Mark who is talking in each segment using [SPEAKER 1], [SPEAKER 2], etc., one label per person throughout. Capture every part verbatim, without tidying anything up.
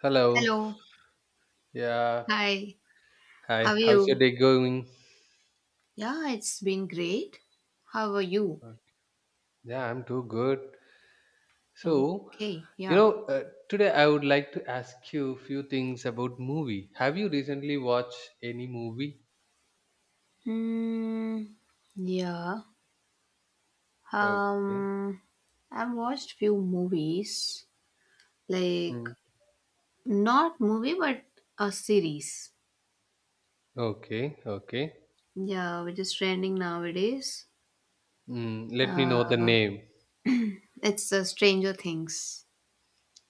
[SPEAKER 1] Hello.
[SPEAKER 2] Hello.
[SPEAKER 1] Yeah.
[SPEAKER 2] Hi.
[SPEAKER 1] Hi.
[SPEAKER 2] How are
[SPEAKER 1] How's your
[SPEAKER 2] you?
[SPEAKER 1] day going?
[SPEAKER 2] Yeah, it's been great. How are you?
[SPEAKER 1] Uh, Yeah, I'm too good. So,
[SPEAKER 2] Okay.
[SPEAKER 1] you
[SPEAKER 2] Yeah.
[SPEAKER 1] know, uh, today I would like to ask you a few things about movie. Have you recently watched any movie?
[SPEAKER 2] Hmm. Yeah.
[SPEAKER 1] Okay.
[SPEAKER 2] Um. I've watched few movies, like
[SPEAKER 1] Mm.
[SPEAKER 2] not movie but a series.
[SPEAKER 1] Okay. Okay.
[SPEAKER 2] Yeah, which is trending nowadays.
[SPEAKER 1] Mm, let me know the name.
[SPEAKER 2] It's uh, Stranger Things.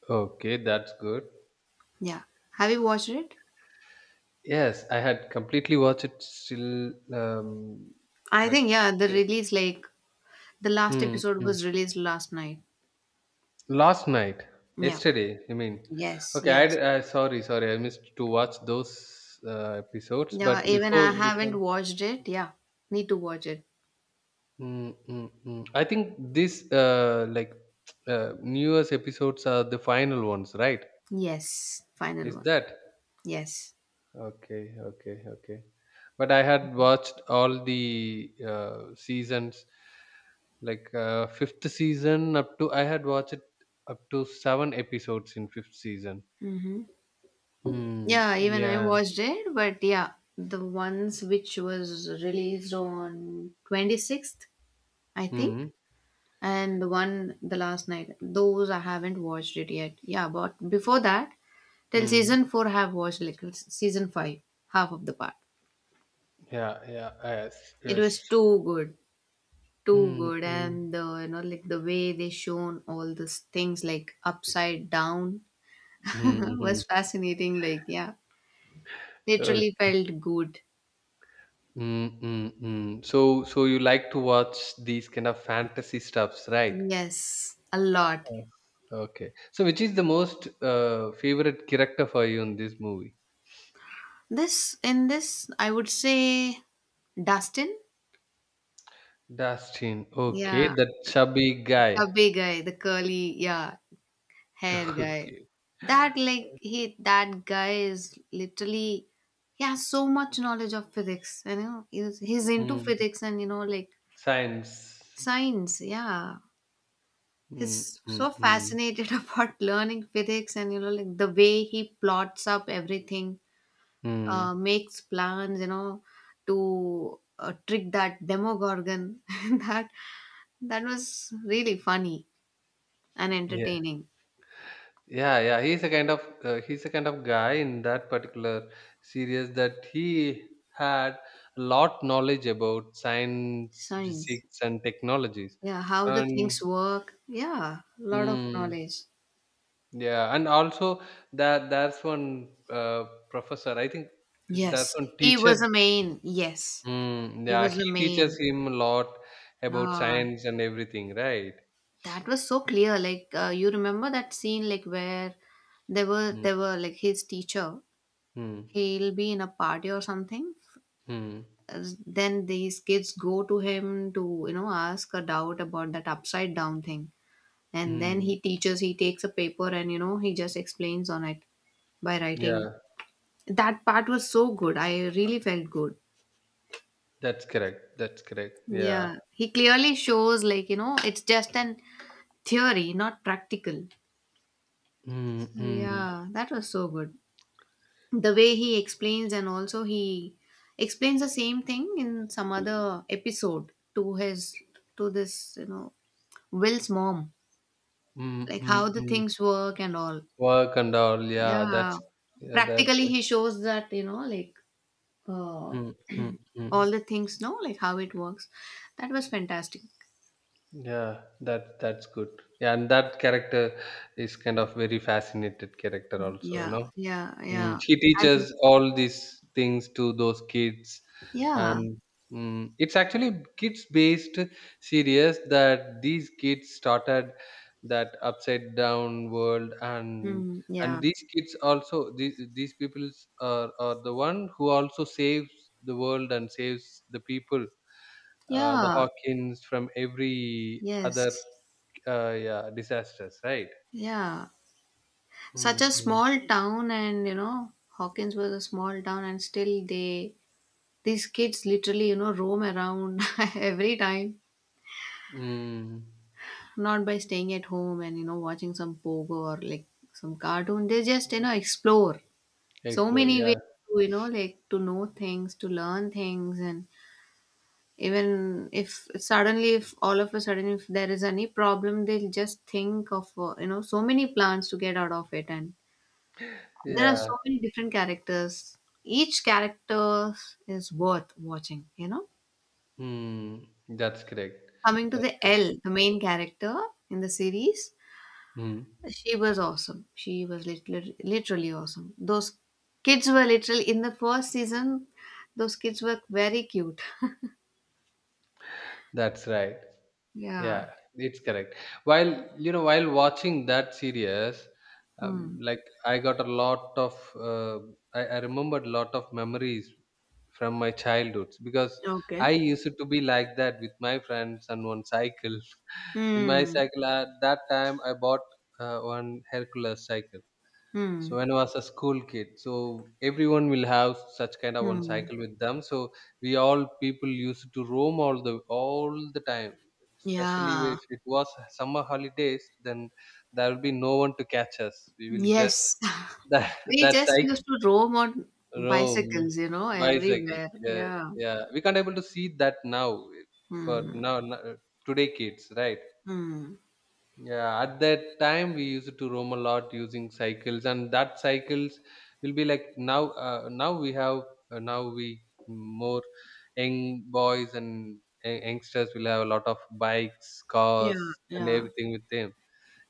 [SPEAKER 1] Okay, that's good.
[SPEAKER 2] Yeah. Have you watched it?
[SPEAKER 1] Yes, I had completely watched it. Still, um,
[SPEAKER 2] I
[SPEAKER 1] like.
[SPEAKER 2] think yeah. The release like the last
[SPEAKER 1] Mm,
[SPEAKER 2] episode
[SPEAKER 1] mm.
[SPEAKER 2] was released last night.
[SPEAKER 1] Last night,
[SPEAKER 2] Yeah.
[SPEAKER 1] yesterday, I mean,
[SPEAKER 2] Yes.
[SPEAKER 1] okay,
[SPEAKER 2] Yes.
[SPEAKER 1] I, I sorry, sorry, I missed to watch those uh, episodes,
[SPEAKER 2] Yeah,
[SPEAKER 1] but
[SPEAKER 2] even I
[SPEAKER 1] before,
[SPEAKER 2] haven't
[SPEAKER 1] before,
[SPEAKER 2] watched it. Yeah, need to watch it.
[SPEAKER 1] mm, mm, mm. I think this uh, like uh, newest episodes are the final ones, right?
[SPEAKER 2] Yes, final
[SPEAKER 1] Is
[SPEAKER 2] one.
[SPEAKER 1] that
[SPEAKER 2] Yes.
[SPEAKER 1] okay? Okay, okay. But I had watched all the uh, seasons, like uh, fifth season up to I had watched up to seven episodes in fifth season.
[SPEAKER 2] Hmm.
[SPEAKER 1] Mm,
[SPEAKER 2] Yeah, even I
[SPEAKER 1] yeah.
[SPEAKER 2] watched it, but yeah, the ones which was released on twenty-sixth, I think,
[SPEAKER 1] Mhm,
[SPEAKER 2] and the one the last night, those I haven't watched it yet. Yeah, but before that, till
[SPEAKER 1] mhm.
[SPEAKER 2] season four, I have watched like season five, half of the part.
[SPEAKER 1] Yeah, yeah, yes,
[SPEAKER 2] It was
[SPEAKER 1] yes.
[SPEAKER 2] too good. Too
[SPEAKER 1] Mm,
[SPEAKER 2] good,
[SPEAKER 1] mm,
[SPEAKER 2] and the you know like the way they shown all these things like upside down
[SPEAKER 1] mhm.
[SPEAKER 2] was fascinating, like yeah, literally
[SPEAKER 1] Okay.
[SPEAKER 2] felt good.
[SPEAKER 1] Mm, mm, mm. So, so you like to watch these kind of fantasy stuffs, right?
[SPEAKER 2] Yes, a lot.
[SPEAKER 1] Yes. Okay. So, which is the most uh, favorite character for you in this movie?
[SPEAKER 2] This in this I would say Dustin.
[SPEAKER 1] Dustin.
[SPEAKER 2] Yeah,
[SPEAKER 1] Okay, that chubby guy.
[SPEAKER 2] chubby guy, the curly yeah hair guy.
[SPEAKER 1] Okay.
[SPEAKER 2] That like he that guy is literally, he has so much knowledge of physics, you know. He's, he's into
[SPEAKER 1] Mm.
[SPEAKER 2] physics, and you know like
[SPEAKER 1] Science.
[SPEAKER 2] science, yeah.
[SPEAKER 1] Mm,
[SPEAKER 2] He's
[SPEAKER 1] mm,
[SPEAKER 2] so
[SPEAKER 1] mm,
[SPEAKER 2] fascinated about learning physics, and you know like the way he plots up everything,
[SPEAKER 1] mm.
[SPEAKER 2] uh, makes plans, you know, to uh, trick that Demogorgon. That, that was really funny and
[SPEAKER 1] Yeah.
[SPEAKER 2] entertaining.
[SPEAKER 1] Yeah, yeah, he's a kind of uh, he's a kind of guy in that particular series that he had a lot knowledge about science,
[SPEAKER 2] Science,
[SPEAKER 1] physics, and technologies,
[SPEAKER 2] yeah, how the
[SPEAKER 1] and
[SPEAKER 2] things work, yeah, a lot of
[SPEAKER 1] mm,
[SPEAKER 2] knowledge.
[SPEAKER 1] yeah, and also that there's one uh, professor. I think there's
[SPEAKER 2] Yes,
[SPEAKER 1] one
[SPEAKER 2] he
[SPEAKER 1] teacher.
[SPEAKER 2] was a main, yes,
[SPEAKER 1] Mm,
[SPEAKER 2] he
[SPEAKER 1] yeah,
[SPEAKER 2] was a
[SPEAKER 1] he
[SPEAKER 2] main
[SPEAKER 1] teaches him a lot about
[SPEAKER 2] lord.
[SPEAKER 1] science and everything, right?
[SPEAKER 2] That was so clear, like uh, you remember that scene, like where they were
[SPEAKER 1] Mm,
[SPEAKER 2] they were like his teacher,
[SPEAKER 1] mm,
[SPEAKER 2] he'll be in a party or something.
[SPEAKER 1] mm,
[SPEAKER 2] Uh, then these kids go to him to, you know, ask a doubt about that upside down thing, and then
[SPEAKER 1] mm.
[SPEAKER 2] he teaches, he takes a paper, and you know he just explains on it by writing.
[SPEAKER 1] Yeah,
[SPEAKER 2] That part was so good, I really felt good.
[SPEAKER 1] that's correct. That's correct. Yeah.
[SPEAKER 2] Yeah, he clearly shows, like, you know, it's just an theory, not practical.
[SPEAKER 1] Mm,
[SPEAKER 2] So
[SPEAKER 1] mm,
[SPEAKER 2] yeah, that was so good, the way he explains. And also he explains the same thing in some other episode to his to this you know Will's mom,
[SPEAKER 1] mm,
[SPEAKER 2] like how
[SPEAKER 1] mm,
[SPEAKER 2] the
[SPEAKER 1] mm.
[SPEAKER 2] things work and all.
[SPEAKER 1] Work and all, yeah,
[SPEAKER 2] Yeah,
[SPEAKER 1] that's yeah, that's
[SPEAKER 2] practically
[SPEAKER 1] it.
[SPEAKER 2] he shows that, you know like, uh,
[SPEAKER 1] Mm, mm,
[SPEAKER 2] all
[SPEAKER 1] mm.
[SPEAKER 2] the things, no, like how it works. That was fantastic.
[SPEAKER 1] Yeah, that that's good. Yeah, and that character is kind of very fascinated character also, you
[SPEAKER 2] Yeah,
[SPEAKER 1] know.
[SPEAKER 2] yeah,
[SPEAKER 1] Mm,
[SPEAKER 2] yeah.
[SPEAKER 1] she
[SPEAKER 2] And
[SPEAKER 1] teaches all these things to those kids,
[SPEAKER 2] yeah,
[SPEAKER 1] and mm, it's actually kids-based series that these kids started that upside down world, and
[SPEAKER 2] mm,
[SPEAKER 1] and
[SPEAKER 2] yeah,
[SPEAKER 1] these kids also these these people are are the one who also saves the world and saves the people, uh, the
[SPEAKER 2] yeah,
[SPEAKER 1] Hawkins from every other
[SPEAKER 2] yes,
[SPEAKER 1] uh, yeah, disasters, right?
[SPEAKER 2] yeah.
[SPEAKER 1] Mm,
[SPEAKER 2] Such a
[SPEAKER 1] mm,
[SPEAKER 2] small town, and you know Hawkins was a small town, and still they, these kids literally, you know, roam around every time,
[SPEAKER 1] mm.
[SPEAKER 2] not by staying at home and you know watching some Pogo or like some cartoon. They just, you know, explore so
[SPEAKER 1] Explore,
[SPEAKER 2] many
[SPEAKER 1] yeah,
[SPEAKER 2] ways to, you know, like to know things, to learn things. And even if suddenly if all of a sudden if there is any problem, they'll just think of uh, you know, so many plans to get out of it. And there are
[SPEAKER 1] yeah.
[SPEAKER 2] so many different characters. Each character is worth watching, you know?
[SPEAKER 1] Hmm, that's correct.
[SPEAKER 2] Coming to
[SPEAKER 1] That's
[SPEAKER 2] the
[SPEAKER 1] correct.
[SPEAKER 2] L, the main character in the series,
[SPEAKER 1] Hmm,
[SPEAKER 2] she was awesome. She was literally, literally awesome. Those kids were literally, in the first season, those kids were very cute.
[SPEAKER 1] that's right.
[SPEAKER 2] Yeah.
[SPEAKER 1] Yeah, it's correct. While you know, while watching that series, um,
[SPEAKER 2] Hmm.
[SPEAKER 1] like I got a lot of, uh, I, I remembered a lot of memories from my childhood because
[SPEAKER 2] Okay.
[SPEAKER 1] I used to be like that with my friends and one cycle. In my
[SPEAKER 2] Hmm.
[SPEAKER 1] cycle at that time, I bought uh, one Hercules cycle. So
[SPEAKER 2] Hmm.
[SPEAKER 1] when I was a school kid, so everyone will have such kind of one
[SPEAKER 2] Hmm.
[SPEAKER 1] cycle with them. So we all people used to roam all the all the time. Especially
[SPEAKER 2] Yeah.
[SPEAKER 1] if it was summer holidays, then there will be no one to catch us. We will just
[SPEAKER 2] Yes.
[SPEAKER 1] that
[SPEAKER 2] We
[SPEAKER 1] that
[SPEAKER 2] just
[SPEAKER 1] cycle
[SPEAKER 2] used to roam on
[SPEAKER 1] roam
[SPEAKER 2] bicycles, you know,
[SPEAKER 1] bicycles.
[SPEAKER 2] everywhere.
[SPEAKER 1] Yeah,
[SPEAKER 2] Yeah.
[SPEAKER 1] yeah. We can't able to see that now eh, for
[SPEAKER 2] Hmm.
[SPEAKER 1] now no- today kids, right?
[SPEAKER 2] Hmm.
[SPEAKER 1] Yeah, at that time we used to roam a lot using cycles, and that cycles will be like now. Uh, now we have uh, now we more young boys and y- youngsters will have a lot of bikes,
[SPEAKER 2] Yeah,
[SPEAKER 1] cars, and
[SPEAKER 2] yeah,
[SPEAKER 1] everything with them.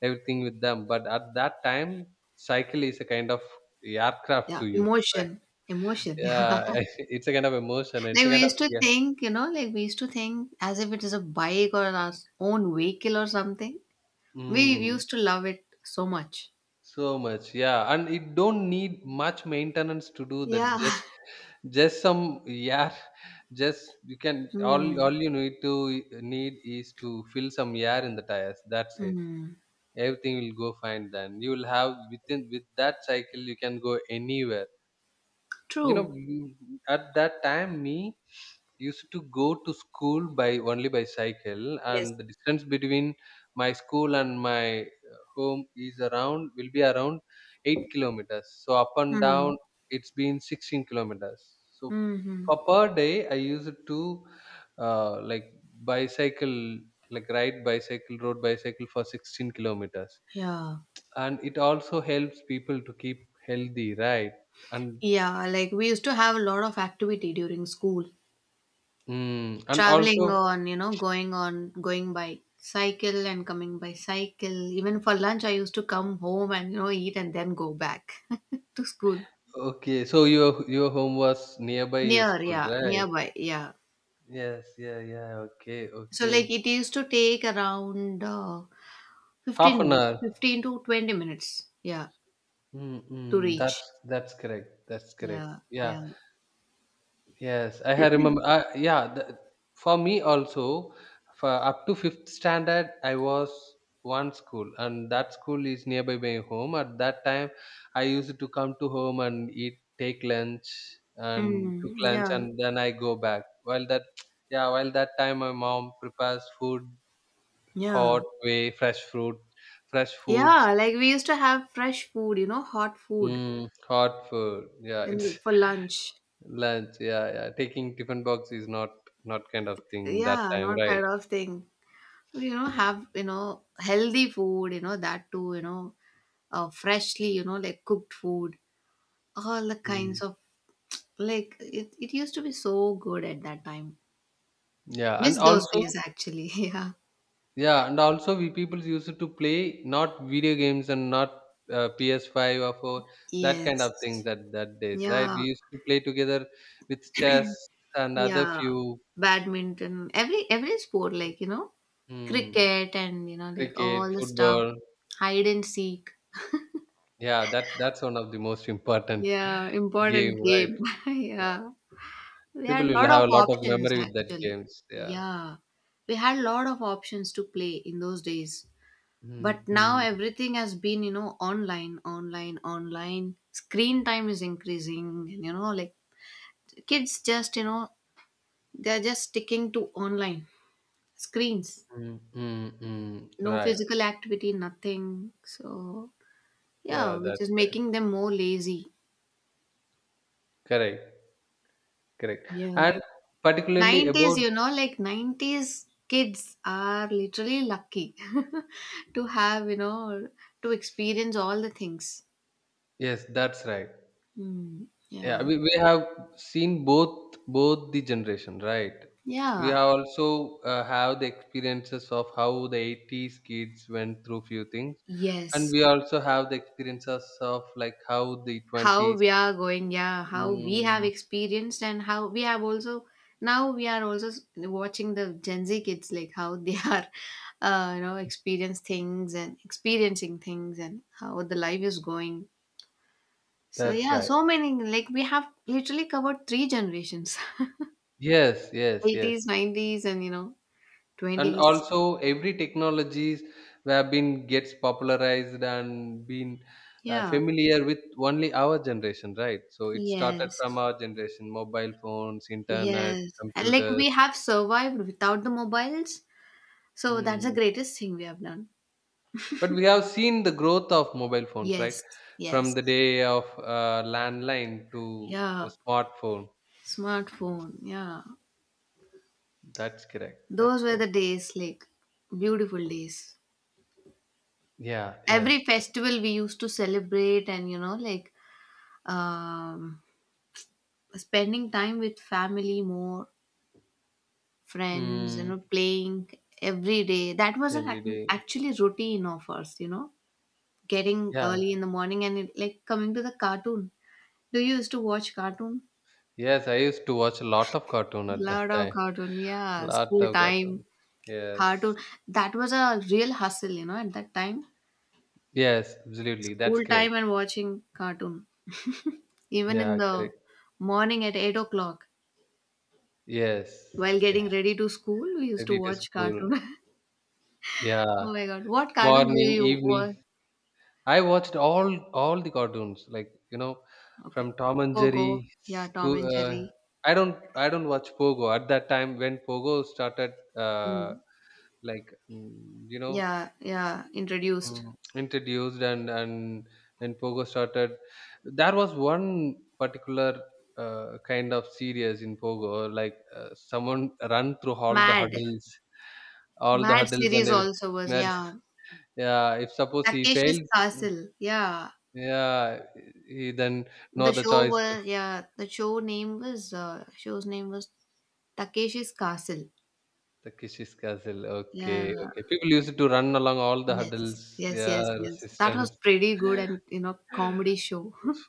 [SPEAKER 1] Everything with them, but at that time, cycle is a kind of aircraft
[SPEAKER 2] yeah.
[SPEAKER 1] to you. Right?
[SPEAKER 2] Emotion, emotion. Yeah.
[SPEAKER 1] Yeah, it's a kind of emotion. It's
[SPEAKER 2] Like
[SPEAKER 1] a kind
[SPEAKER 2] we
[SPEAKER 1] of
[SPEAKER 2] used to
[SPEAKER 1] yeah.
[SPEAKER 2] think, you know, like we used to think as if it is a bike or our own vehicle or something. We
[SPEAKER 1] Mm.
[SPEAKER 2] used to love it so much.
[SPEAKER 1] So much, yeah, and it don't need much maintenance to do that.
[SPEAKER 2] Yeah.
[SPEAKER 1] Just, just some air. Just you can all
[SPEAKER 2] Hmm.
[SPEAKER 1] all you need to e, need is to fill some air in the tires. That's it.
[SPEAKER 2] Hmm.
[SPEAKER 1] Everything will go fine. Then you will have within with that cycle you can go anywhere, you know
[SPEAKER 2] True.
[SPEAKER 1] m- at that time me used to go to school by only by cycle,
[SPEAKER 2] Yes.
[SPEAKER 1] and the distance between my school and my uh, home is around will be around eight kilometers. So up and down
[SPEAKER 2] Hmm.
[SPEAKER 1] it's been sixteen kilometers, so
[SPEAKER 2] Hmm.
[SPEAKER 1] for per day I used to, uh, like bicycle like ride bicycle road bicycle for sixteen kilometers,
[SPEAKER 2] Yeah.
[SPEAKER 1] and it also helps people to keep healthy, right, and
[SPEAKER 2] Yeah. Like we used to have a lot of activity during school,
[SPEAKER 1] Mm. And
[SPEAKER 2] traveling
[SPEAKER 1] also,
[SPEAKER 2] on, you know, going on, going by cycle and coming by cycle. Even for lunch I used to come home and, you know, eat and then go back to school.
[SPEAKER 1] okay, so your your home was nearby your
[SPEAKER 2] Near,
[SPEAKER 1] school,
[SPEAKER 2] yeah,
[SPEAKER 1] right?
[SPEAKER 2] nearby, yeah.
[SPEAKER 1] Yes, yeah, yeah. Okay,
[SPEAKER 2] So like
[SPEAKER 1] okay.
[SPEAKER 2] it used to take around uh,
[SPEAKER 1] Half
[SPEAKER 2] fifteen
[SPEAKER 1] an
[SPEAKER 2] minutes,
[SPEAKER 1] hour.
[SPEAKER 2] fifteen to twenty minutes, yeah, to
[SPEAKER 1] Mm-mm,
[SPEAKER 2] reach.
[SPEAKER 1] that's that's correct. That's correct.
[SPEAKER 2] Yeah, yeah,
[SPEAKER 1] Yeah. Yes, I have remember. Uh, yeah, the, for me also, for up to fifth standard, I was one school, and that school is nearby my home. At that time, I used to come to home and eat, take lunch, and took
[SPEAKER 2] mm,
[SPEAKER 1] lunch,
[SPEAKER 2] yeah,
[SPEAKER 1] and then I go back. While that, yeah, while that time, my mom prepares food,
[SPEAKER 2] yeah,
[SPEAKER 1] hot way, fresh fruit, fresh foods,
[SPEAKER 2] yeah, like we used to have fresh food, you know, hot food,
[SPEAKER 1] mm, hot food. Yeah,
[SPEAKER 2] in,
[SPEAKER 1] it's
[SPEAKER 2] for lunch.
[SPEAKER 1] lunch, yeah, yeah. Taking tiffin box is not not kind of thing that
[SPEAKER 2] Yeah,
[SPEAKER 1] time,
[SPEAKER 2] not
[SPEAKER 1] right?
[SPEAKER 2] kind of thing. You know, have, you know, healthy food, you know, that too, you know, uh, freshly, you know, like cooked food, all the kinds
[SPEAKER 1] Mm.
[SPEAKER 2] of, like it, it used to be so good at that time.
[SPEAKER 1] Yeah, and
[SPEAKER 2] Miss those
[SPEAKER 1] also,
[SPEAKER 2] days, actually. Yeah,
[SPEAKER 1] yeah, and also we people used to play not video games and not uh, P S five or four, that kind of things
[SPEAKER 2] yes,
[SPEAKER 1] at that days, right?
[SPEAKER 2] yeah,
[SPEAKER 1] We used to play together with chess and other
[SPEAKER 2] yeah,
[SPEAKER 1] few,
[SPEAKER 2] badminton, every every sport, like you know,
[SPEAKER 1] hmm,
[SPEAKER 2] cricket, and you know like all
[SPEAKER 1] cricket,
[SPEAKER 2] the stuff.
[SPEAKER 1] football.
[SPEAKER 2] Hide and seek,
[SPEAKER 1] Yeah, that's that's one of the most important
[SPEAKER 2] yeah, important
[SPEAKER 1] game, right?
[SPEAKER 2] game.
[SPEAKER 1] Uh,
[SPEAKER 2] Yeah, we
[SPEAKER 1] People
[SPEAKER 2] had a
[SPEAKER 1] will
[SPEAKER 2] lot
[SPEAKER 1] have
[SPEAKER 2] of
[SPEAKER 1] a lot of
[SPEAKER 2] options
[SPEAKER 1] memory with that
[SPEAKER 2] actually.
[SPEAKER 1] games. Yeah.
[SPEAKER 2] Yeah. We had a lot of options to play in those days. But now
[SPEAKER 1] Mm-hmm.
[SPEAKER 2] everything has been, you know, online, online, online. Screen time is increasing, and you know, like kids just, you know, they're just sticking to online screens.
[SPEAKER 1] Mm, mm, mm.
[SPEAKER 2] No
[SPEAKER 1] Right.
[SPEAKER 2] physical activity, nothing. So yeah,
[SPEAKER 1] Yeah,
[SPEAKER 2] which
[SPEAKER 1] that's
[SPEAKER 2] is
[SPEAKER 1] right.
[SPEAKER 2] making them more lazy.
[SPEAKER 1] Correct. Correct. And
[SPEAKER 2] Yeah,
[SPEAKER 1] particularly
[SPEAKER 2] nineties,
[SPEAKER 1] about.
[SPEAKER 2] you know, like nineties kids are literally lucky to have, you know, to experience all the things.
[SPEAKER 1] Yes, that's right.
[SPEAKER 2] Hmm.
[SPEAKER 1] Yeah,
[SPEAKER 2] Yeah.
[SPEAKER 1] we, we have seen both both the generation, right? We
[SPEAKER 2] Yeah.
[SPEAKER 1] have also uh, have the experiences of how the eighties kids went through few things, and
[SPEAKER 2] Yes.
[SPEAKER 1] we also have the experiences of like how the
[SPEAKER 2] How
[SPEAKER 1] twenties.
[SPEAKER 2] we are going, yeah, how we have
[SPEAKER 1] Mm,
[SPEAKER 2] experienced, and how we have also now we are also s- watching the Gen Z kids, like how they are, uh, you know, experience things and experiencing things, and how the life is going. So
[SPEAKER 1] that's
[SPEAKER 2] yeah,
[SPEAKER 1] right.
[SPEAKER 2] so many, like we have literally covered three generations.
[SPEAKER 1] Yes, yes, yes.
[SPEAKER 2] eighties, nineties, and you know,
[SPEAKER 1] And
[SPEAKER 2] twenties.
[SPEAKER 1] also, every technologies have been gets popularized and been uh,
[SPEAKER 2] Yeah.
[SPEAKER 1] familiar with only our generation, right? So it started from
[SPEAKER 2] Yes.
[SPEAKER 1] our generation, mobile phones, internet,
[SPEAKER 2] Yes. And like
[SPEAKER 1] computers.
[SPEAKER 2] we have survived without the mobiles. So that's the
[SPEAKER 1] Hmm.
[SPEAKER 2] greatest thing we have done.
[SPEAKER 1] But we have seen the growth of mobile phones, right?
[SPEAKER 2] Yes.
[SPEAKER 1] From the
[SPEAKER 2] Yes.
[SPEAKER 1] day of uh, landline to a
[SPEAKER 2] Yeah.
[SPEAKER 1] smartphone.
[SPEAKER 2] Smartphone. Yeah.
[SPEAKER 1] That's correct. That's
[SPEAKER 2] Those were the
[SPEAKER 1] correct.
[SPEAKER 2] days, like beautiful days.
[SPEAKER 1] Yeah, yes.
[SPEAKER 2] Every
[SPEAKER 1] That's-
[SPEAKER 2] festival we used to celebrate, and you know like um spending time with family more, friends, you
[SPEAKER 1] Mm,
[SPEAKER 2] know, playing every day. That was an
[SPEAKER 1] every
[SPEAKER 2] ac-
[SPEAKER 1] day.
[SPEAKER 2] actually routine of ours, you know, getting
[SPEAKER 1] Yeah.
[SPEAKER 2] early in the morning and it, like coming to the cartoon. Do you used to watch cartoon?
[SPEAKER 1] Yes, I used to watch a lot of cartoon at
[SPEAKER 2] Lot
[SPEAKER 1] that
[SPEAKER 2] of
[SPEAKER 1] time.
[SPEAKER 2] cartoon, yeah.
[SPEAKER 1] Lot
[SPEAKER 2] School
[SPEAKER 1] of
[SPEAKER 2] time,
[SPEAKER 1] cartoons.
[SPEAKER 2] cartoon.
[SPEAKER 1] Yes.
[SPEAKER 2] That was a real hustle, you know, at that time.
[SPEAKER 1] Yes, absolutely. That's
[SPEAKER 2] School time
[SPEAKER 1] correct.
[SPEAKER 2] and watching cartoon. Even in
[SPEAKER 1] Yeah,
[SPEAKER 2] the
[SPEAKER 1] correct.
[SPEAKER 2] morning at eight o'clock,
[SPEAKER 1] Yes.
[SPEAKER 2] while getting
[SPEAKER 1] Yes.
[SPEAKER 2] ready to school, we used to
[SPEAKER 1] Ready to
[SPEAKER 2] watch
[SPEAKER 1] school.
[SPEAKER 2] cartoon.
[SPEAKER 1] Yeah.
[SPEAKER 2] Oh my god, what cartoons do
[SPEAKER 1] Morning,
[SPEAKER 2] you
[SPEAKER 1] evening.
[SPEAKER 2] watch?
[SPEAKER 1] I watched all all the cartoons, like, you know,
[SPEAKER 2] Okay.
[SPEAKER 1] from Tom and
[SPEAKER 2] Pogo.
[SPEAKER 1] Jerry.
[SPEAKER 2] Yeah, Tom
[SPEAKER 1] School,
[SPEAKER 2] and
[SPEAKER 1] uh,
[SPEAKER 2] Jerry.
[SPEAKER 1] I don't I don't watch Pogo at that time when Pogo started. Uh,
[SPEAKER 2] Mm.
[SPEAKER 1] like mm, you know
[SPEAKER 2] Yeah, yeah, introduced.
[SPEAKER 1] Mm, introduced and and and Pogo started, there was one particular uh, kind of series in Pogo like uh, someone run through all the
[SPEAKER 2] Mad.
[SPEAKER 1] hurdles all the
[SPEAKER 2] Mad
[SPEAKER 1] hurdles
[SPEAKER 2] series
[SPEAKER 1] and everything.
[SPEAKER 2] also was,
[SPEAKER 1] Mad-
[SPEAKER 2] yeah.
[SPEAKER 1] yeah, if suppose he
[SPEAKER 2] Takeshi's
[SPEAKER 1] fails, mm,
[SPEAKER 2] Castle. Yeah.
[SPEAKER 1] yeah, he then no
[SPEAKER 2] The
[SPEAKER 1] other
[SPEAKER 2] show
[SPEAKER 1] choice to
[SPEAKER 2] was, yeah, the show name was, uh, show's name was Takeshi's Castle.
[SPEAKER 1] the Kishi's Castle. Okay,
[SPEAKER 2] Yeah.
[SPEAKER 1] okay, people used to run along all the
[SPEAKER 2] Yes.
[SPEAKER 1] hurdles,
[SPEAKER 2] Yes,
[SPEAKER 1] yeah,
[SPEAKER 2] yes, yes. That was
[SPEAKER 1] resistance.
[SPEAKER 2] pretty good, and you know, comedy show.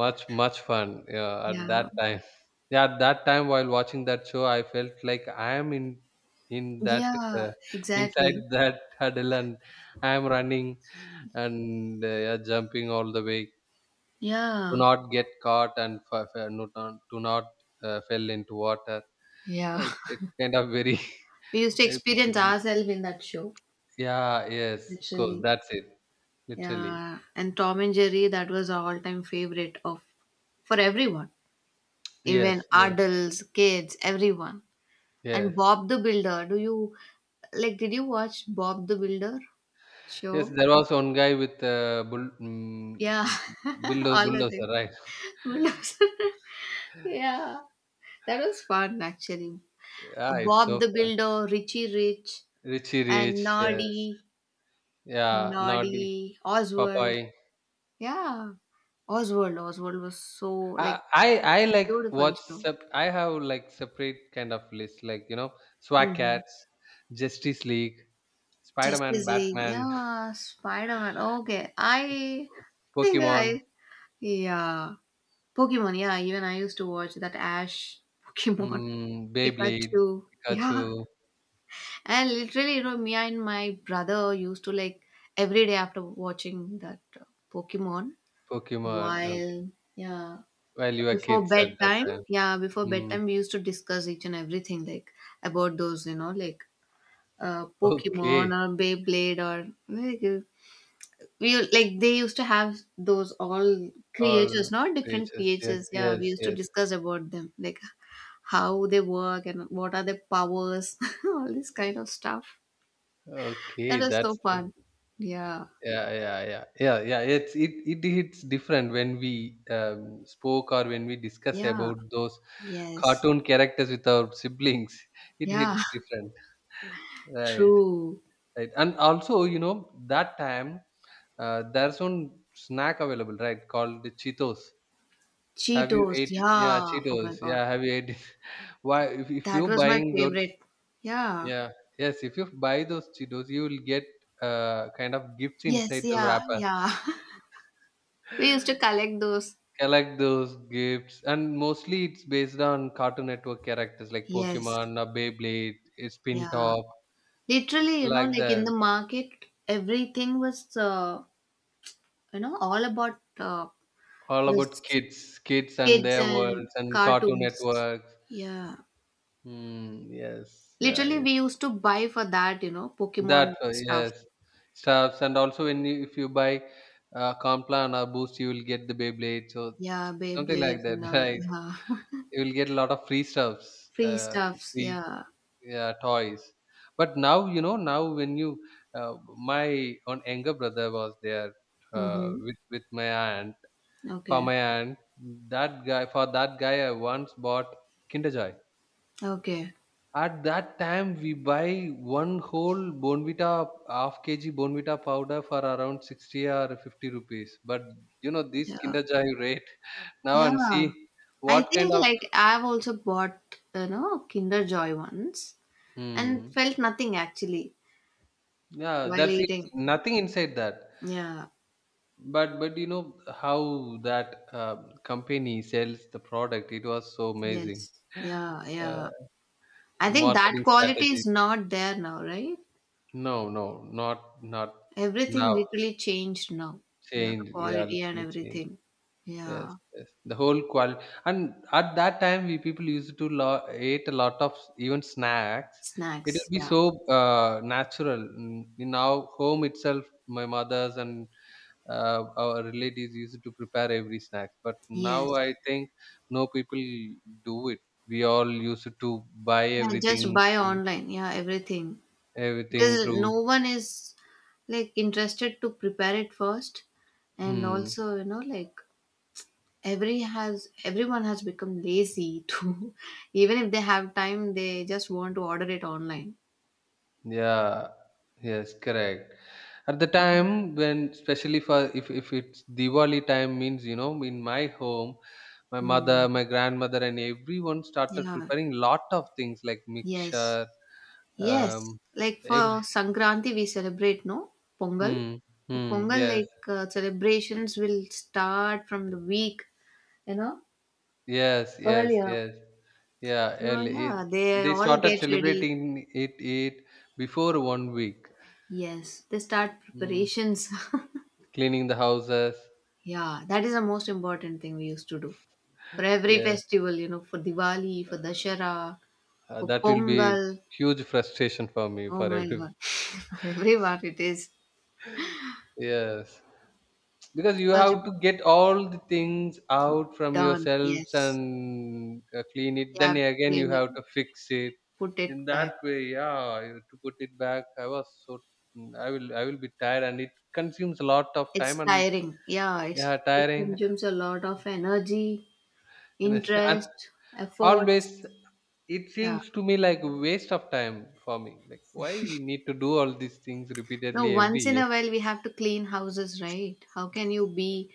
[SPEAKER 1] Much much fun. Yeah, at
[SPEAKER 2] Yeah.
[SPEAKER 1] that time. Yeah, at that time while watching that show, I felt like I am in in that,
[SPEAKER 2] Yeah,
[SPEAKER 1] uh, inside
[SPEAKER 2] exactly.
[SPEAKER 1] that huddle and I am running and uh, yeah, jumping all the way. Do
[SPEAKER 2] Yeah.
[SPEAKER 1] not get caught and f- f- not, do not uh, fell into water.
[SPEAKER 2] Yeah.
[SPEAKER 1] It it's kind of very
[SPEAKER 2] We used to
[SPEAKER 1] very-
[SPEAKER 2] experience ourselves in that show,
[SPEAKER 1] yeah, yes, of course,
[SPEAKER 2] literally.
[SPEAKER 1] that's it literally,
[SPEAKER 2] Yeah, and Tom and Jerry, that was our all-time favorite of for everyone, even
[SPEAKER 1] yes, yes,
[SPEAKER 2] adults, kids, everyone. And
[SPEAKER 1] yes.
[SPEAKER 2] Bob the Builder, do you like? Did you watch Bob the Builder
[SPEAKER 1] Yes,
[SPEAKER 2] show?
[SPEAKER 1] there was one guy with a bull, mm,
[SPEAKER 2] Yeah,
[SPEAKER 1] bulldo-
[SPEAKER 2] all the things.
[SPEAKER 1] bulldozer, right?
[SPEAKER 2] Bulldozer. Yeah, that was fun actually.
[SPEAKER 1] Yeah, it's
[SPEAKER 2] Bob
[SPEAKER 1] so
[SPEAKER 2] the
[SPEAKER 1] fun.
[SPEAKER 2] Builder, Richie Rich,
[SPEAKER 1] Richie
[SPEAKER 2] and
[SPEAKER 1] Rich, yes.
[SPEAKER 2] Noddy,
[SPEAKER 1] Yeah, Naughty,
[SPEAKER 2] Noddy, Oswald.
[SPEAKER 1] Popeye.
[SPEAKER 2] Yeah, Oswald, Oswald was so
[SPEAKER 1] I,
[SPEAKER 2] like
[SPEAKER 1] I I like
[SPEAKER 2] beautiful
[SPEAKER 1] watch.
[SPEAKER 2] show.
[SPEAKER 1] sep- I have like separate kind of list, like, you know, Swag
[SPEAKER 2] Mm-hmm.
[SPEAKER 1] Cats, Justice League, Spider Man,
[SPEAKER 2] Justice League,
[SPEAKER 1] Batman,
[SPEAKER 2] yeah, Spider Man. Okay, I think
[SPEAKER 1] Pokemon,
[SPEAKER 2] I yeah, Pokemon. Yeah, even I used to watch that Ash Pokemon,
[SPEAKER 1] mm, Beyblade,
[SPEAKER 2] Pikachu.
[SPEAKER 1] Pikachu,
[SPEAKER 2] Yeah, and literally, you know, me and my brother used to like every day after watching that uh, Pokemon,
[SPEAKER 1] Pokemon. Okay,
[SPEAKER 2] while yeah,
[SPEAKER 1] while you were
[SPEAKER 2] before
[SPEAKER 1] kids at that
[SPEAKER 2] bedtime.
[SPEAKER 1] time.
[SPEAKER 2] Yeah, before
[SPEAKER 1] Mm,
[SPEAKER 2] bedtime, we used to discuss each and everything, like about those, you know, like uh, Pokemon
[SPEAKER 1] okay.
[SPEAKER 2] or Beyblade, or like we u- like they used to have those all creatures,
[SPEAKER 1] All
[SPEAKER 2] not different
[SPEAKER 1] creatures. Yes,
[SPEAKER 2] creatures, yeah, we
[SPEAKER 1] yes,
[SPEAKER 2] used to
[SPEAKER 1] yes.
[SPEAKER 2] discuss about them, like how they work and what are their powers, all this kind of stuff. That
[SPEAKER 1] Okay,
[SPEAKER 2] was so
[SPEAKER 1] that's great.
[SPEAKER 2] fun. Yeah,
[SPEAKER 1] Yeah, yeah, yeah, yeah, yeah. It's it it hits different when we um, spoke or when we discuss
[SPEAKER 2] yeah,
[SPEAKER 1] about those
[SPEAKER 2] yes,
[SPEAKER 1] cartoon characters with our siblings. It
[SPEAKER 2] yeah.
[SPEAKER 1] hits different, right?
[SPEAKER 2] True.
[SPEAKER 1] Right, and also you know that time, uh, there's one snack available, right? Called the Cheetos. Have you
[SPEAKER 2] Cheetos,
[SPEAKER 1] ate? Yeah,
[SPEAKER 2] yeah. Oh my
[SPEAKER 1] Cheetos.
[SPEAKER 2] god,
[SPEAKER 1] Yeah, have you ate? Why, if, if
[SPEAKER 2] that
[SPEAKER 1] you
[SPEAKER 2] was my
[SPEAKER 1] buying those
[SPEAKER 2] favorite. Yeah,
[SPEAKER 1] Yeah. Yes, if you buy those Cheetos, you will get uh, kind of gifts
[SPEAKER 2] yes,
[SPEAKER 1] inside the
[SPEAKER 2] yeah,
[SPEAKER 1] wrapper.
[SPEAKER 2] yeah. We used to collect those.
[SPEAKER 1] Collect those gifts, and mostly it's based on Cartoon Network characters like
[SPEAKER 2] Yes,
[SPEAKER 1] Pokemon, or Beyblade, uh, Spin
[SPEAKER 2] yeah.
[SPEAKER 1] Top,
[SPEAKER 2] Literally, you know,
[SPEAKER 1] like
[SPEAKER 2] like in the
[SPEAKER 1] that.
[SPEAKER 2] market, everything was, uh, you know, all about uh,
[SPEAKER 1] All about
[SPEAKER 2] this
[SPEAKER 1] kids, kids and
[SPEAKER 2] kids
[SPEAKER 1] their
[SPEAKER 2] and
[SPEAKER 1] worlds, and Cartoon
[SPEAKER 2] cartoons.
[SPEAKER 1] Networks.
[SPEAKER 2] Yeah.
[SPEAKER 1] Mm, yes, yeah,
[SPEAKER 2] Literally,
[SPEAKER 1] yeah.
[SPEAKER 2] we used to buy for that, you know,
[SPEAKER 1] That
[SPEAKER 2] Pokemon
[SPEAKER 1] uh,
[SPEAKER 2] stuff.
[SPEAKER 1] yes, stuffs, and also when you, if you buy uh, Complan or Boost, you will get the Beyblade. So
[SPEAKER 2] Yeah,
[SPEAKER 1] something like
[SPEAKER 2] Beyblades and
[SPEAKER 1] that,
[SPEAKER 2] all.
[SPEAKER 1] right?
[SPEAKER 2] Yeah.
[SPEAKER 1] You will get a lot of free stuffs,
[SPEAKER 2] Free
[SPEAKER 1] uh,
[SPEAKER 2] stuffs.
[SPEAKER 1] free,
[SPEAKER 2] Yeah.
[SPEAKER 1] uh, toys, but now, you know now when you uh, my own younger brother was there, uh,
[SPEAKER 2] Mm-hmm.
[SPEAKER 1] with with my aunt, for
[SPEAKER 2] Okay.
[SPEAKER 1] my aunt, that guy for that guy I once bought Kinder Joy.
[SPEAKER 2] Okay.
[SPEAKER 1] At that time we buy one whole Bonvita, half kg Bonvita powder for around sixty or fifty rupees, but you know this
[SPEAKER 2] Yeah.
[SPEAKER 1] Kinder Joy rate now, and see
[SPEAKER 2] Yeah. I
[SPEAKER 1] what kind
[SPEAKER 2] think
[SPEAKER 1] of
[SPEAKER 2] like I've also bought, you know, Kinder Joy once, and
[SPEAKER 1] Hmm.
[SPEAKER 2] felt nothing actually
[SPEAKER 1] Yeah,
[SPEAKER 2] while
[SPEAKER 1] there's
[SPEAKER 2] eating.
[SPEAKER 1] nothing inside that.
[SPEAKER 2] Yeah.
[SPEAKER 1] But but you know how that uh, company sells the product. It was so amazing.
[SPEAKER 2] Yes. Yeah, yeah.
[SPEAKER 1] Uh,
[SPEAKER 2] I think that
[SPEAKER 1] Marketing
[SPEAKER 2] quality
[SPEAKER 1] strategy.
[SPEAKER 2] is not there now, right?
[SPEAKER 1] No, no, not not
[SPEAKER 2] Everything
[SPEAKER 1] now.
[SPEAKER 2] literally changed now. Yeah, the
[SPEAKER 1] Change. Yeah,
[SPEAKER 2] quality and
[SPEAKER 1] literally change.
[SPEAKER 2] everything.
[SPEAKER 1] Yes,
[SPEAKER 2] Yeah.
[SPEAKER 1] yes. The whole quality. And at that time, we people used to lo- ate a lot of s- even snacks. It will
[SPEAKER 2] Snacks.
[SPEAKER 1] be
[SPEAKER 2] Yeah.
[SPEAKER 1] so uh, natural. Mm, In our home itself, my mother's and uh, our relatives used to prepare every snack, but now
[SPEAKER 2] Yes.
[SPEAKER 1] I think no people do it. We all used to buy
[SPEAKER 2] Yeah,
[SPEAKER 1] everything,
[SPEAKER 2] just buy
[SPEAKER 1] and
[SPEAKER 2] online. Yeah, everything.
[SPEAKER 1] everything
[SPEAKER 2] Because no
[SPEAKER 1] through...
[SPEAKER 2] one is like interested to prepare it first. And
[SPEAKER 1] Hmm.
[SPEAKER 2] also, you know, like every has everyone has become lazy to, even if they have time, they just want to order it online.
[SPEAKER 1] Yeah, yes, correct. At the time, when especially for, if, if it's Diwali time, means, you know, in my home, my
[SPEAKER 2] Mm.
[SPEAKER 1] mother, my grandmother and everyone started
[SPEAKER 2] Yeah.
[SPEAKER 1] preparing lot of things like
[SPEAKER 2] Yes,
[SPEAKER 1] mixture.
[SPEAKER 2] yes.
[SPEAKER 1] um
[SPEAKER 2] Like for
[SPEAKER 1] every...
[SPEAKER 2] Sankranti, we celebrate, no? Pongal.
[SPEAKER 1] Hmm.
[SPEAKER 2] For
[SPEAKER 1] Hmm,
[SPEAKER 2] Pongal,
[SPEAKER 1] yes.
[SPEAKER 2] like uh, celebrations will start from the week, you know,
[SPEAKER 1] Yes, yes,
[SPEAKER 2] earlier.
[SPEAKER 1] yes. Yeah,
[SPEAKER 2] So
[SPEAKER 1] early.
[SPEAKER 2] yeah,
[SPEAKER 1] It,
[SPEAKER 2] they
[SPEAKER 1] they
[SPEAKER 2] all
[SPEAKER 1] started
[SPEAKER 2] get ready.
[SPEAKER 1] celebrating it it before one week.
[SPEAKER 2] Yes, they start
[SPEAKER 1] Mm,
[SPEAKER 2] preparations.
[SPEAKER 1] Cleaning the houses.
[SPEAKER 2] Yeah, that is the most important thing we used to do for every
[SPEAKER 1] Yes,
[SPEAKER 2] festival, you know, for Diwali, for Dashera,
[SPEAKER 1] uh,
[SPEAKER 2] for
[SPEAKER 1] that will be
[SPEAKER 2] Pongal.
[SPEAKER 1] huge frustration for me,
[SPEAKER 2] Oh
[SPEAKER 1] for
[SPEAKER 2] my
[SPEAKER 1] everyone.
[SPEAKER 2] god, for everyone, it is
[SPEAKER 1] Yes, because you
[SPEAKER 2] such a
[SPEAKER 1] have to get all the things out from
[SPEAKER 2] done.
[SPEAKER 1] yourselves
[SPEAKER 2] Yes,
[SPEAKER 1] and uh, clean it.
[SPEAKER 2] you
[SPEAKER 1] Then
[SPEAKER 2] have to
[SPEAKER 1] again, you
[SPEAKER 2] clean it,
[SPEAKER 1] have to fix it.
[SPEAKER 2] put it
[SPEAKER 1] In
[SPEAKER 2] back.
[SPEAKER 1] that way, yeah, you- to put it back. I was so I will I will be tired, and it consumes a lot of time,
[SPEAKER 2] It's
[SPEAKER 1] and
[SPEAKER 2] tiring. Yeah, it's,
[SPEAKER 1] yeah,
[SPEAKER 2] it
[SPEAKER 1] tiring.
[SPEAKER 2] consumes a lot of energy,
[SPEAKER 1] Yes, and
[SPEAKER 2] interest, efforts.
[SPEAKER 1] always it
[SPEAKER 2] Yeah.
[SPEAKER 1] seems to me like waste of time for me. Like, why we need to do all these things
[SPEAKER 2] No,
[SPEAKER 1] repeatedly every
[SPEAKER 2] once in
[SPEAKER 1] year?
[SPEAKER 2] a while we have to clean houses, right? How can you be,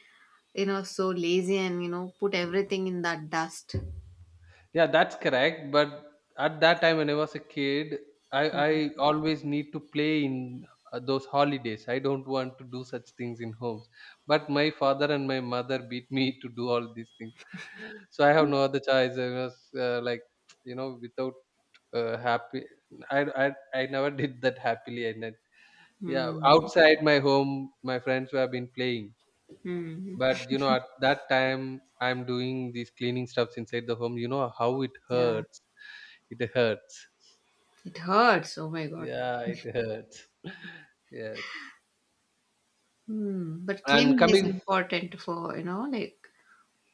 [SPEAKER 2] you know, so lazy and, you know, put everything in that dust?
[SPEAKER 1] Yeah, that's correct. But at that time when I was a kid, I I always need to play in uh, those holidays. I don't want to do such things in homes. But my father and my mother beat me to do all these things. So I have no other choice. I was uh, like, you know, without uh, happy. I, I I never did that happily. I ne- Yeah,
[SPEAKER 2] Hmm.
[SPEAKER 1] outside my home, my friends who have been playing.
[SPEAKER 2] Hmm.
[SPEAKER 1] But you know, at that time, I'm doing these cleaning stuffs inside the home. You know how it
[SPEAKER 2] Yeah.
[SPEAKER 1] hurts. It hurts.
[SPEAKER 2] It hurts. Oh my God.
[SPEAKER 1] Yeah, it hurts. Yes.
[SPEAKER 2] Hmm. But
[SPEAKER 1] And
[SPEAKER 2] cleaning is
[SPEAKER 1] coming,
[SPEAKER 2] important for, you know, like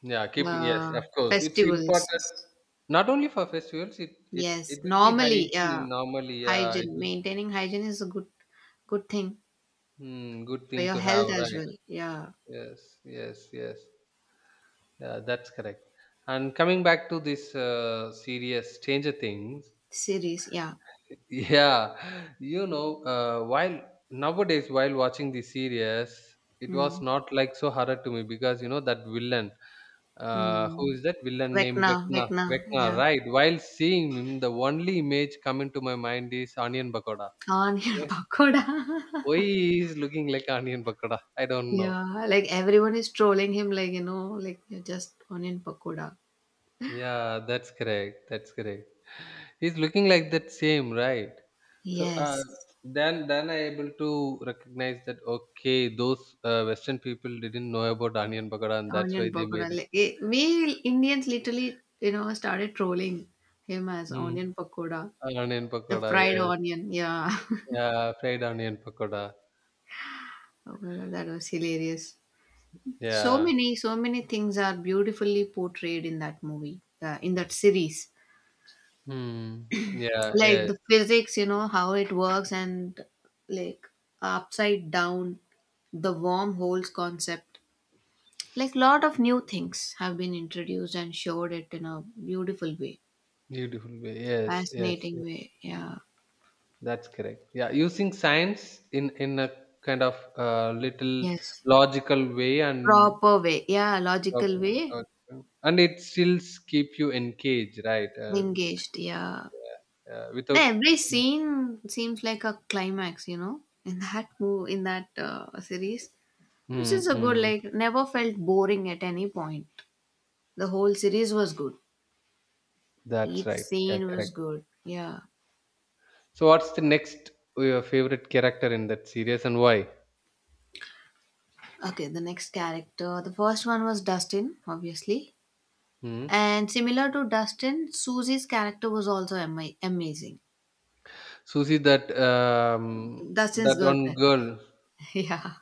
[SPEAKER 1] yeah, keep yes,
[SPEAKER 2] uh,
[SPEAKER 1] of course, it's
[SPEAKER 2] festivals.
[SPEAKER 1] important not only for festivals. It it it
[SPEAKER 2] Yes.
[SPEAKER 1] will be
[SPEAKER 2] Normally, yeah.
[SPEAKER 1] hygiene normally. Yeah, it
[SPEAKER 2] Hygiene.
[SPEAKER 1] will.
[SPEAKER 2] Maintaining hygiene is a good good thing
[SPEAKER 1] Hmm, good
[SPEAKER 2] for
[SPEAKER 1] thing
[SPEAKER 2] your
[SPEAKER 1] to have,
[SPEAKER 2] health as
[SPEAKER 1] right?
[SPEAKER 2] well. Yeah.
[SPEAKER 1] Yes, yes, yes. Yeah, that's correct. And coming back to this uh, serious Stranger Things,
[SPEAKER 2] Series. Yeah.
[SPEAKER 1] yeah, you know, uh, while nowadays while watching the series, it was
[SPEAKER 2] Mm.
[SPEAKER 1] not like so horror to me, because you know that villain, uh, who
[SPEAKER 2] Mm.
[SPEAKER 1] is that villain named
[SPEAKER 2] Vecna.
[SPEAKER 1] Vecna?
[SPEAKER 2] Vecna.
[SPEAKER 1] Vecna,
[SPEAKER 2] Yeah.
[SPEAKER 1] right? While seeing him, the only image coming to my mind is onion pakoda.
[SPEAKER 2] Can't get
[SPEAKER 1] Why
[SPEAKER 2] pakoda.
[SPEAKER 1] why he is looking like onion pakoda? I don't know.
[SPEAKER 2] Yeah. Like everyone is trolling him, like, you know, like you're just onion pakoda.
[SPEAKER 1] Yeah, that's correct. That's correct. He's looking like that same, right? So uh,
[SPEAKER 2] Yes.
[SPEAKER 1] then, then I able to recognize that, okay, those uh, Western people didn't know about onion pakoda, and that's
[SPEAKER 2] Onion
[SPEAKER 1] why they
[SPEAKER 2] pakoda.
[SPEAKER 1] made it.
[SPEAKER 2] Like, eh, we Indians literally, you know, started trolling him as
[SPEAKER 1] Mm.
[SPEAKER 2] onion pakoda.
[SPEAKER 1] Onion
[SPEAKER 2] The
[SPEAKER 1] pakoda,
[SPEAKER 2] fried
[SPEAKER 1] yes.
[SPEAKER 2] onion. Yeah.
[SPEAKER 1] Yeah, fried onion pakoda.
[SPEAKER 2] Oh my god, that was hilarious. so
[SPEAKER 1] Yeah.
[SPEAKER 2] many so many things are beautifully portrayed in that movie uh, in that series,
[SPEAKER 1] Hmm. Yeah,
[SPEAKER 2] like
[SPEAKER 1] yes.
[SPEAKER 2] the physics, you know, how it works and like upside down, the wormholes concept, like lot of new things have been introduced and showed it in a beautiful way,
[SPEAKER 1] Beautiful way, yes, yes,
[SPEAKER 2] fascinating
[SPEAKER 1] yes,
[SPEAKER 2] way. Yeah,
[SPEAKER 1] that's correct. Yeah, using science in in a kind of uh, little
[SPEAKER 2] yes,
[SPEAKER 1] logical way, and
[SPEAKER 2] proper way, yeah,
[SPEAKER 1] Uh,
[SPEAKER 2] logical way,
[SPEAKER 1] uh, and it still keep you engaged, right? Uh,
[SPEAKER 2] engaged, yeah.
[SPEAKER 1] yeah, uh,
[SPEAKER 2] No,
[SPEAKER 1] without.
[SPEAKER 2] every scene seems like a climax, you know, in that move in that uh, series. Which is a good,
[SPEAKER 1] Mm-hmm.
[SPEAKER 2] like, never felt boring at any point. The whole series was good.
[SPEAKER 1] That's
[SPEAKER 2] Each
[SPEAKER 1] right. Yeah,
[SPEAKER 2] scene was
[SPEAKER 1] correct.
[SPEAKER 2] good. Yeah.
[SPEAKER 1] So, what's the next uh, your favorite character in that series and why?
[SPEAKER 2] Okay, the next character. The first one was Dustin, obviously.
[SPEAKER 1] Hmm.
[SPEAKER 2] And similar to Dustin, Susie's character was also ama- amazing.
[SPEAKER 1] Susie, that um,
[SPEAKER 2] Dustin's
[SPEAKER 1] that one
[SPEAKER 2] girlfriend.
[SPEAKER 1] girl.
[SPEAKER 2] Yeah.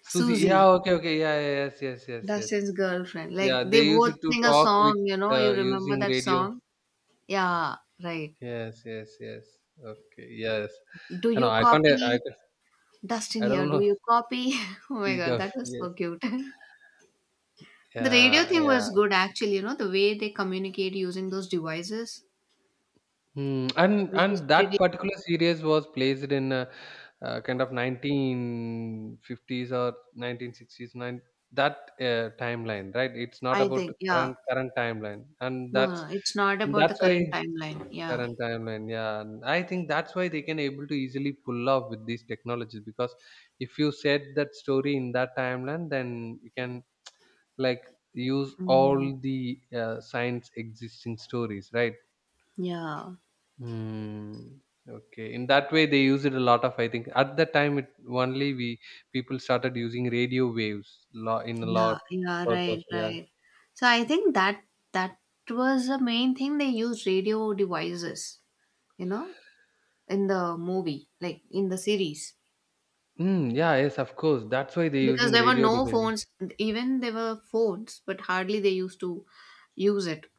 [SPEAKER 1] Susie.
[SPEAKER 2] Susie,
[SPEAKER 1] Yeah. Okay. Okay. Yeah. Yeah, yes. Yes. Yes. Yes.
[SPEAKER 2] Dustin's girlfriend. Like,
[SPEAKER 1] Yeah.
[SPEAKER 2] they
[SPEAKER 1] They used
[SPEAKER 2] both
[SPEAKER 1] to
[SPEAKER 2] sing a
[SPEAKER 1] talk with
[SPEAKER 2] song, you know. You
[SPEAKER 1] uh,
[SPEAKER 2] remember
[SPEAKER 1] using
[SPEAKER 2] that
[SPEAKER 1] radio.
[SPEAKER 2] song? Yeah, right.
[SPEAKER 1] Yes. Yes. Yes. Okay. Yes.
[SPEAKER 2] Do
[SPEAKER 1] I know.
[SPEAKER 2] you
[SPEAKER 1] I can't. I.
[SPEAKER 2] copy? Dustin
[SPEAKER 1] I
[SPEAKER 2] here,
[SPEAKER 1] don't
[SPEAKER 2] do
[SPEAKER 1] know.
[SPEAKER 2] you copy? Oh my god, that was
[SPEAKER 1] Yes.
[SPEAKER 2] so cute. The radio
[SPEAKER 1] Yeah,
[SPEAKER 2] thing
[SPEAKER 1] yeah.
[SPEAKER 2] was good actually, you know, the way they communicate using those devices,
[SPEAKER 1] Hmm. And
[SPEAKER 2] which is
[SPEAKER 1] and that
[SPEAKER 2] pretty,
[SPEAKER 1] particular series was placed in a, uh, kind of nineteen fifties or nineteen sixties, nine, that uh, timeline, right? It's not
[SPEAKER 2] I
[SPEAKER 1] about
[SPEAKER 2] think, yeah.
[SPEAKER 1] current current timeline, and
[SPEAKER 2] No,
[SPEAKER 1] that's
[SPEAKER 2] no, it's not about the
[SPEAKER 1] that's
[SPEAKER 2] current
[SPEAKER 1] why
[SPEAKER 2] timeline. Yeah.
[SPEAKER 1] current timeline. Yeah, and I think that's why they can able to easily pull off with these technologies, because if you set that story in that timeline, then you can, like, use
[SPEAKER 2] Mhm.
[SPEAKER 1] all the uh, science existing stories, right?
[SPEAKER 2] Yeah.
[SPEAKER 1] Mm, okay. In that way, they use it a lot of. I think at that time, it only we people started using radio waves lo- in a
[SPEAKER 2] Yeah.
[SPEAKER 1] lot
[SPEAKER 2] Yeah. Right.
[SPEAKER 1] purpose. Yeah.
[SPEAKER 2] Right. So I think that that was the main thing they used radio devices, you know, in the movie, like in the series.
[SPEAKER 1] Mm, yeah. Yes. Of course. That's why they're
[SPEAKER 2] Because
[SPEAKER 1] using
[SPEAKER 2] there were
[SPEAKER 1] radio
[SPEAKER 2] no
[SPEAKER 1] devices.
[SPEAKER 2] phones, even there were phones, but hardly they used to use it.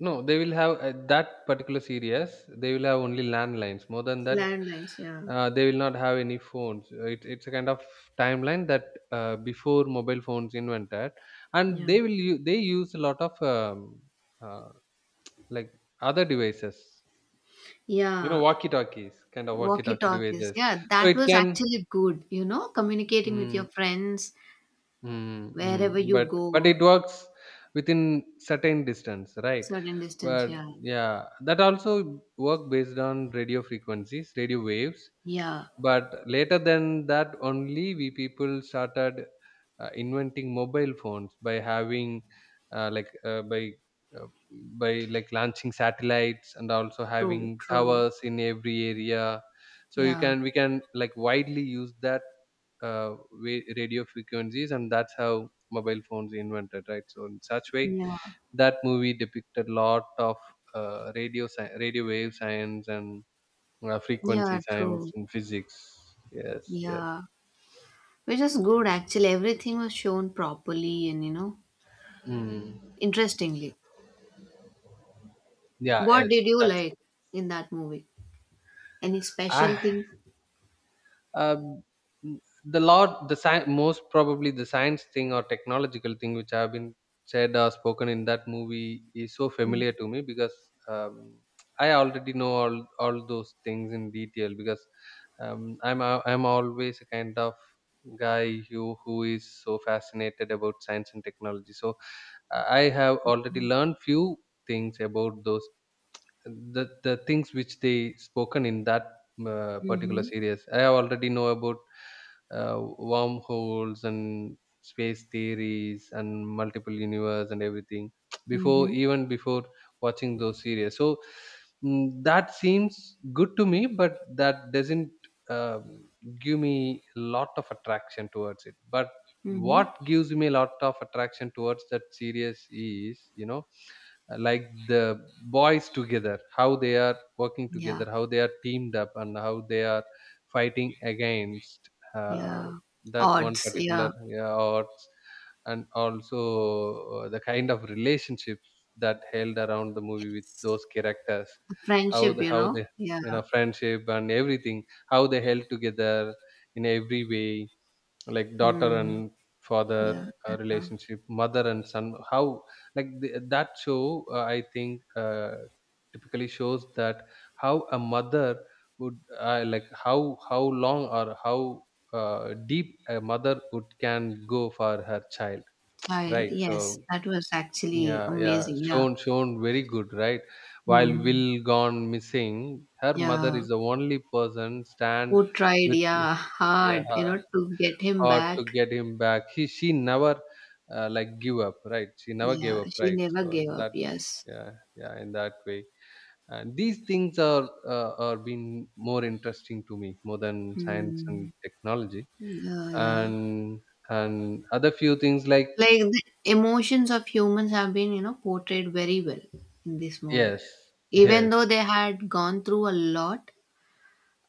[SPEAKER 1] No, they will have, uh, that particular series. They will have only landlines. More than that,
[SPEAKER 2] Landlines, yeah.
[SPEAKER 1] uh, they will not have any phones. Uh, It, it's a kind of timeline that, uh, before mobile phones invented, and
[SPEAKER 2] Yeah.
[SPEAKER 1] they will u- they use a lot of um, uh, like, other devices. You know,
[SPEAKER 2] Yeah.
[SPEAKER 1] walkie-talkies, kind of
[SPEAKER 2] Walkie
[SPEAKER 1] walkie-talkie
[SPEAKER 2] talkies.
[SPEAKER 1] devices.
[SPEAKER 2] Yeah,
[SPEAKER 1] So
[SPEAKER 2] that
[SPEAKER 1] it
[SPEAKER 2] was
[SPEAKER 1] can,
[SPEAKER 2] actually good, you know, communicating with your
[SPEAKER 1] mm,
[SPEAKER 2] friends
[SPEAKER 1] mm,
[SPEAKER 2] wherever
[SPEAKER 1] mm,
[SPEAKER 2] you
[SPEAKER 1] but but
[SPEAKER 2] go,
[SPEAKER 1] it works within certain distance, right?
[SPEAKER 2] certain distance.
[SPEAKER 1] But
[SPEAKER 2] Yeah.
[SPEAKER 1] yeah, that also work based on radio frequencies, radio waves.
[SPEAKER 2] Yeah.
[SPEAKER 1] But later than that only we people started uh, inventing mobile phones by having uh, like uh, by uh, by, like, launching satellites and also
[SPEAKER 2] True,
[SPEAKER 1] having
[SPEAKER 2] true.
[SPEAKER 1] towers in every area, so you
[SPEAKER 2] Yeah.
[SPEAKER 1] can we can, like, widely use that uh, wa- radio frequencies, and that's how mobile phones invented, right? So in such way,
[SPEAKER 2] Yeah.
[SPEAKER 1] that movie depicted lot of uh, radio sci- radio wave science and uh, frequency
[SPEAKER 2] Yeah,
[SPEAKER 1] science
[SPEAKER 2] true.
[SPEAKER 1] and physics, yes, yes.
[SPEAKER 2] Yeah. Which is good actually. Everything was shown properly and, you know,
[SPEAKER 1] Mm.
[SPEAKER 2] interestingly.
[SPEAKER 1] Yeah,
[SPEAKER 2] What
[SPEAKER 1] yes,
[SPEAKER 2] did you
[SPEAKER 1] that's
[SPEAKER 2] like
[SPEAKER 1] it.
[SPEAKER 2] in that movie? Any special
[SPEAKER 1] I,
[SPEAKER 2] thing?
[SPEAKER 1] um, the lot the sci- most probably the science thing or technological thing which have been said or spoken in that movie is so
[SPEAKER 2] Mm-hmm.
[SPEAKER 1] familiar to me, because um, I already know all all those things in detail, because um, i'm a- I'm always a kind of guy who who is so fascinated about science and technology, so uh, I have already learned few things about those, the the things which they spoken in that uh, particular series. I already know about uh, wormholes and space theories and multiple universe and everything before,
[SPEAKER 2] Mm-hmm.
[SPEAKER 1] even before watching those series. So, mm, that seems good to me, but that doesn't um, give me a lot of attraction towards it. But
[SPEAKER 2] Mm-hmm.
[SPEAKER 1] what gives me a lot of attraction towards that series is, you know, like, the boys together, how they are working
[SPEAKER 2] Yeah.
[SPEAKER 1] together, how they are teamed up, and how they are fighting against uh,
[SPEAKER 2] Yeah.
[SPEAKER 1] that one
[SPEAKER 2] Odds. Yeah.
[SPEAKER 1] particular, yeah, odds, and also uh, the kind of relationships that held around the movie with
[SPEAKER 2] Yes.
[SPEAKER 1] those characters. How
[SPEAKER 2] Friendship,
[SPEAKER 1] the,
[SPEAKER 2] you
[SPEAKER 1] how
[SPEAKER 2] know?
[SPEAKER 1] they,
[SPEAKER 2] Yeah.
[SPEAKER 1] you know, friendship and everything, how they held together in every way, like daughter
[SPEAKER 2] Mm,
[SPEAKER 1] and father
[SPEAKER 2] yeah,
[SPEAKER 1] uh,
[SPEAKER 2] uh,
[SPEAKER 1] relationship, mother and son, how like the, that show, uh, I think, uh, typically shows that how a mother would, uh, like, how how long or how uh, deep a mother would can go for her child,
[SPEAKER 2] child.
[SPEAKER 1] right?
[SPEAKER 2] Yes,
[SPEAKER 1] So
[SPEAKER 2] that was actually
[SPEAKER 1] yeah, yeah,
[SPEAKER 2] amazing. Yeah.
[SPEAKER 1] shown shown very good, right? While
[SPEAKER 2] Mm,
[SPEAKER 1] Will gone missing, her mother
[SPEAKER 2] yeah.
[SPEAKER 1] is the only person stand
[SPEAKER 2] Who tried,
[SPEAKER 1] with.
[SPEAKER 2] yeah, hard, you
[SPEAKER 1] Yeah,
[SPEAKER 2] know, to get him
[SPEAKER 1] hard to
[SPEAKER 2] back.
[SPEAKER 1] get him back. He She never, uh, like, give up, right? She never gave
[SPEAKER 2] Yeah,
[SPEAKER 1] up,
[SPEAKER 2] she
[SPEAKER 1] right?
[SPEAKER 2] never
[SPEAKER 1] So
[SPEAKER 2] gave
[SPEAKER 1] in
[SPEAKER 2] up.
[SPEAKER 1] that,
[SPEAKER 2] Yes.
[SPEAKER 1] yeah, yeah, in that way. And these things are uh, are been more interesting to me more than science and
[SPEAKER 2] Mm,
[SPEAKER 1] technology,
[SPEAKER 2] yeah, yeah.
[SPEAKER 1] and and other few things like...
[SPEAKER 2] Like the emotions of humans have been, you know, portrayed very well in this movie.
[SPEAKER 1] yes, yes,
[SPEAKER 2] Even though they had gone through a lot,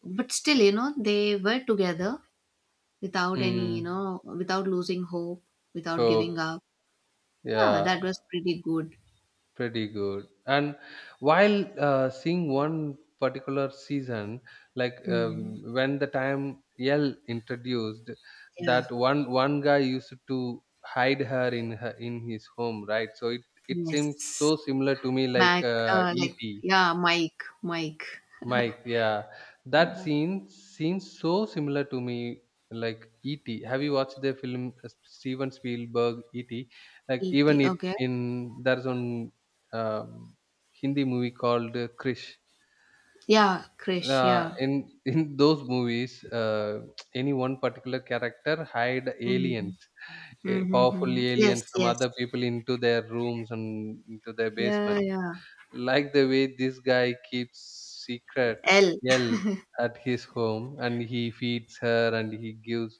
[SPEAKER 2] but still, you know, they were together without any,
[SPEAKER 1] mm,
[SPEAKER 2] you know, without losing hope, without giving
[SPEAKER 1] hope,
[SPEAKER 2] up. Yeah,
[SPEAKER 1] yeah.
[SPEAKER 2] that was pretty good.
[SPEAKER 1] Pretty good. And while uh, seeing one particular season, like,
[SPEAKER 2] Mm.
[SPEAKER 1] um, when the time Yell introduced,
[SPEAKER 2] Yeah.
[SPEAKER 1] that one one guy used to hide her in her in his home, right? So it it seems
[SPEAKER 2] Yes.
[SPEAKER 1] so similar to me, like
[SPEAKER 2] Mac,
[SPEAKER 1] uh,
[SPEAKER 2] uh, like,
[SPEAKER 1] E T.
[SPEAKER 2] yeah, Mike, Mike.
[SPEAKER 1] Mike, yeah. That
[SPEAKER 2] Yeah.
[SPEAKER 1] scene seems so similar to me, like E T. Have you watched the film, uh, Steven Spielberg E T? Like,
[SPEAKER 2] eighty,
[SPEAKER 1] even it
[SPEAKER 2] okay.
[SPEAKER 1] in there's one um, Hindi movie called uh, Krish.
[SPEAKER 2] Yeah, Krish,
[SPEAKER 1] Uh,
[SPEAKER 2] yeah.
[SPEAKER 1] in in those movies, uh, any one particular character hide
[SPEAKER 2] Mm.
[SPEAKER 1] aliens, eh, powerful
[SPEAKER 2] Mm-hmm. Yes,
[SPEAKER 1] aliens from
[SPEAKER 2] yes.
[SPEAKER 1] other people into their rooms and into their
[SPEAKER 2] Yeah,
[SPEAKER 1] basements,
[SPEAKER 2] yeah.
[SPEAKER 1] like the way this guy keeps secret,
[SPEAKER 2] L,
[SPEAKER 1] L, at his home, and he feeds her, and he gives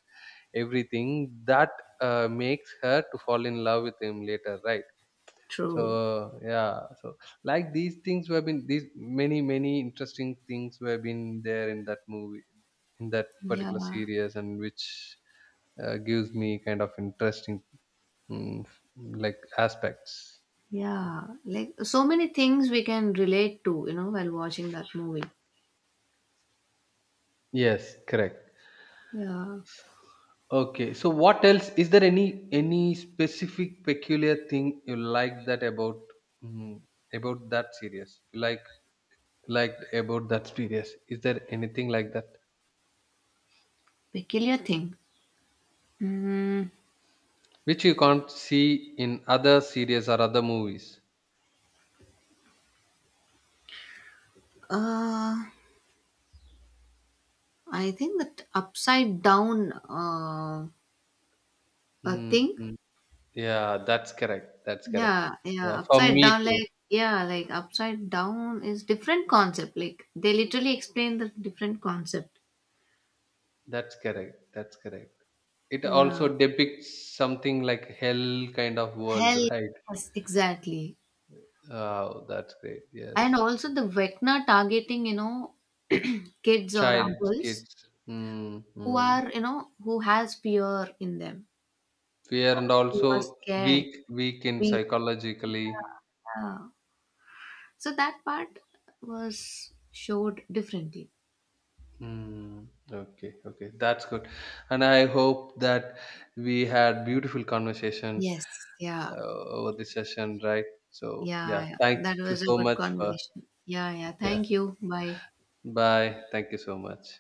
[SPEAKER 1] everything that uh, makes her to fall in love with him later, right?
[SPEAKER 2] true.
[SPEAKER 1] So yeah, so like these things were been, these many many interesting things were been there in that movie, in that
[SPEAKER 2] Yeah,
[SPEAKER 1] particular series, and which uh, gives me kind of interesting, mm, like, aspects.
[SPEAKER 2] yeah. Like, so many things we can relate to, you know, while watching that movie.
[SPEAKER 1] Yes, correct.
[SPEAKER 2] Yeah.
[SPEAKER 1] Okay, so what else? Is there any any specific peculiar thing you like that about, mm, about that series? Like, liked about that series? Is there anything like that
[SPEAKER 2] Peculiar thing. Mm.
[SPEAKER 1] which you can't see in other series or other movies?
[SPEAKER 2] Uh, I think that upside down uh, a
[SPEAKER 1] Mm,
[SPEAKER 2] thing?
[SPEAKER 1] mm. Yeah, that's correct. That's correct.
[SPEAKER 2] Yeah, yeah.
[SPEAKER 1] Yeah, for
[SPEAKER 2] Upside
[SPEAKER 1] me
[SPEAKER 2] down,
[SPEAKER 1] too.
[SPEAKER 2] like, yeah, like upside down is different concept. Like, they literally explain the different concept.
[SPEAKER 1] That's correct. That's correct. It also
[SPEAKER 2] Yeah.
[SPEAKER 1] depicts something like hell kind of world,
[SPEAKER 2] Hell,
[SPEAKER 1] right?
[SPEAKER 2] yes, exactly.
[SPEAKER 1] Oh, that's great.
[SPEAKER 2] And
[SPEAKER 1] Yes.
[SPEAKER 2] also the Vecna targeting, you know, kids or
[SPEAKER 1] Child,
[SPEAKER 2] adults
[SPEAKER 1] kids. Mm,
[SPEAKER 2] who
[SPEAKER 1] mm.
[SPEAKER 2] are, you know, who has fear in them
[SPEAKER 1] Fear,
[SPEAKER 2] or
[SPEAKER 1] and
[SPEAKER 2] who are
[SPEAKER 1] also
[SPEAKER 2] scared.
[SPEAKER 1] weak, weak in
[SPEAKER 2] We,
[SPEAKER 1] psychologically.
[SPEAKER 2] yeah. So that part was showed differently.
[SPEAKER 1] Hmm. Okay, okay, that's good. And I hope that we had beautiful conversation,
[SPEAKER 2] Yes, yeah.
[SPEAKER 1] uh, over this session, right? So yeah,
[SPEAKER 2] Yeah, yeah.
[SPEAKER 1] thank
[SPEAKER 2] That
[SPEAKER 1] you
[SPEAKER 2] was a
[SPEAKER 1] so
[SPEAKER 2] good
[SPEAKER 1] much for...
[SPEAKER 2] conversation. Yeah, yeah.
[SPEAKER 1] yeah.
[SPEAKER 2] Thank you. Bye.
[SPEAKER 1] Bye. Thank you so much.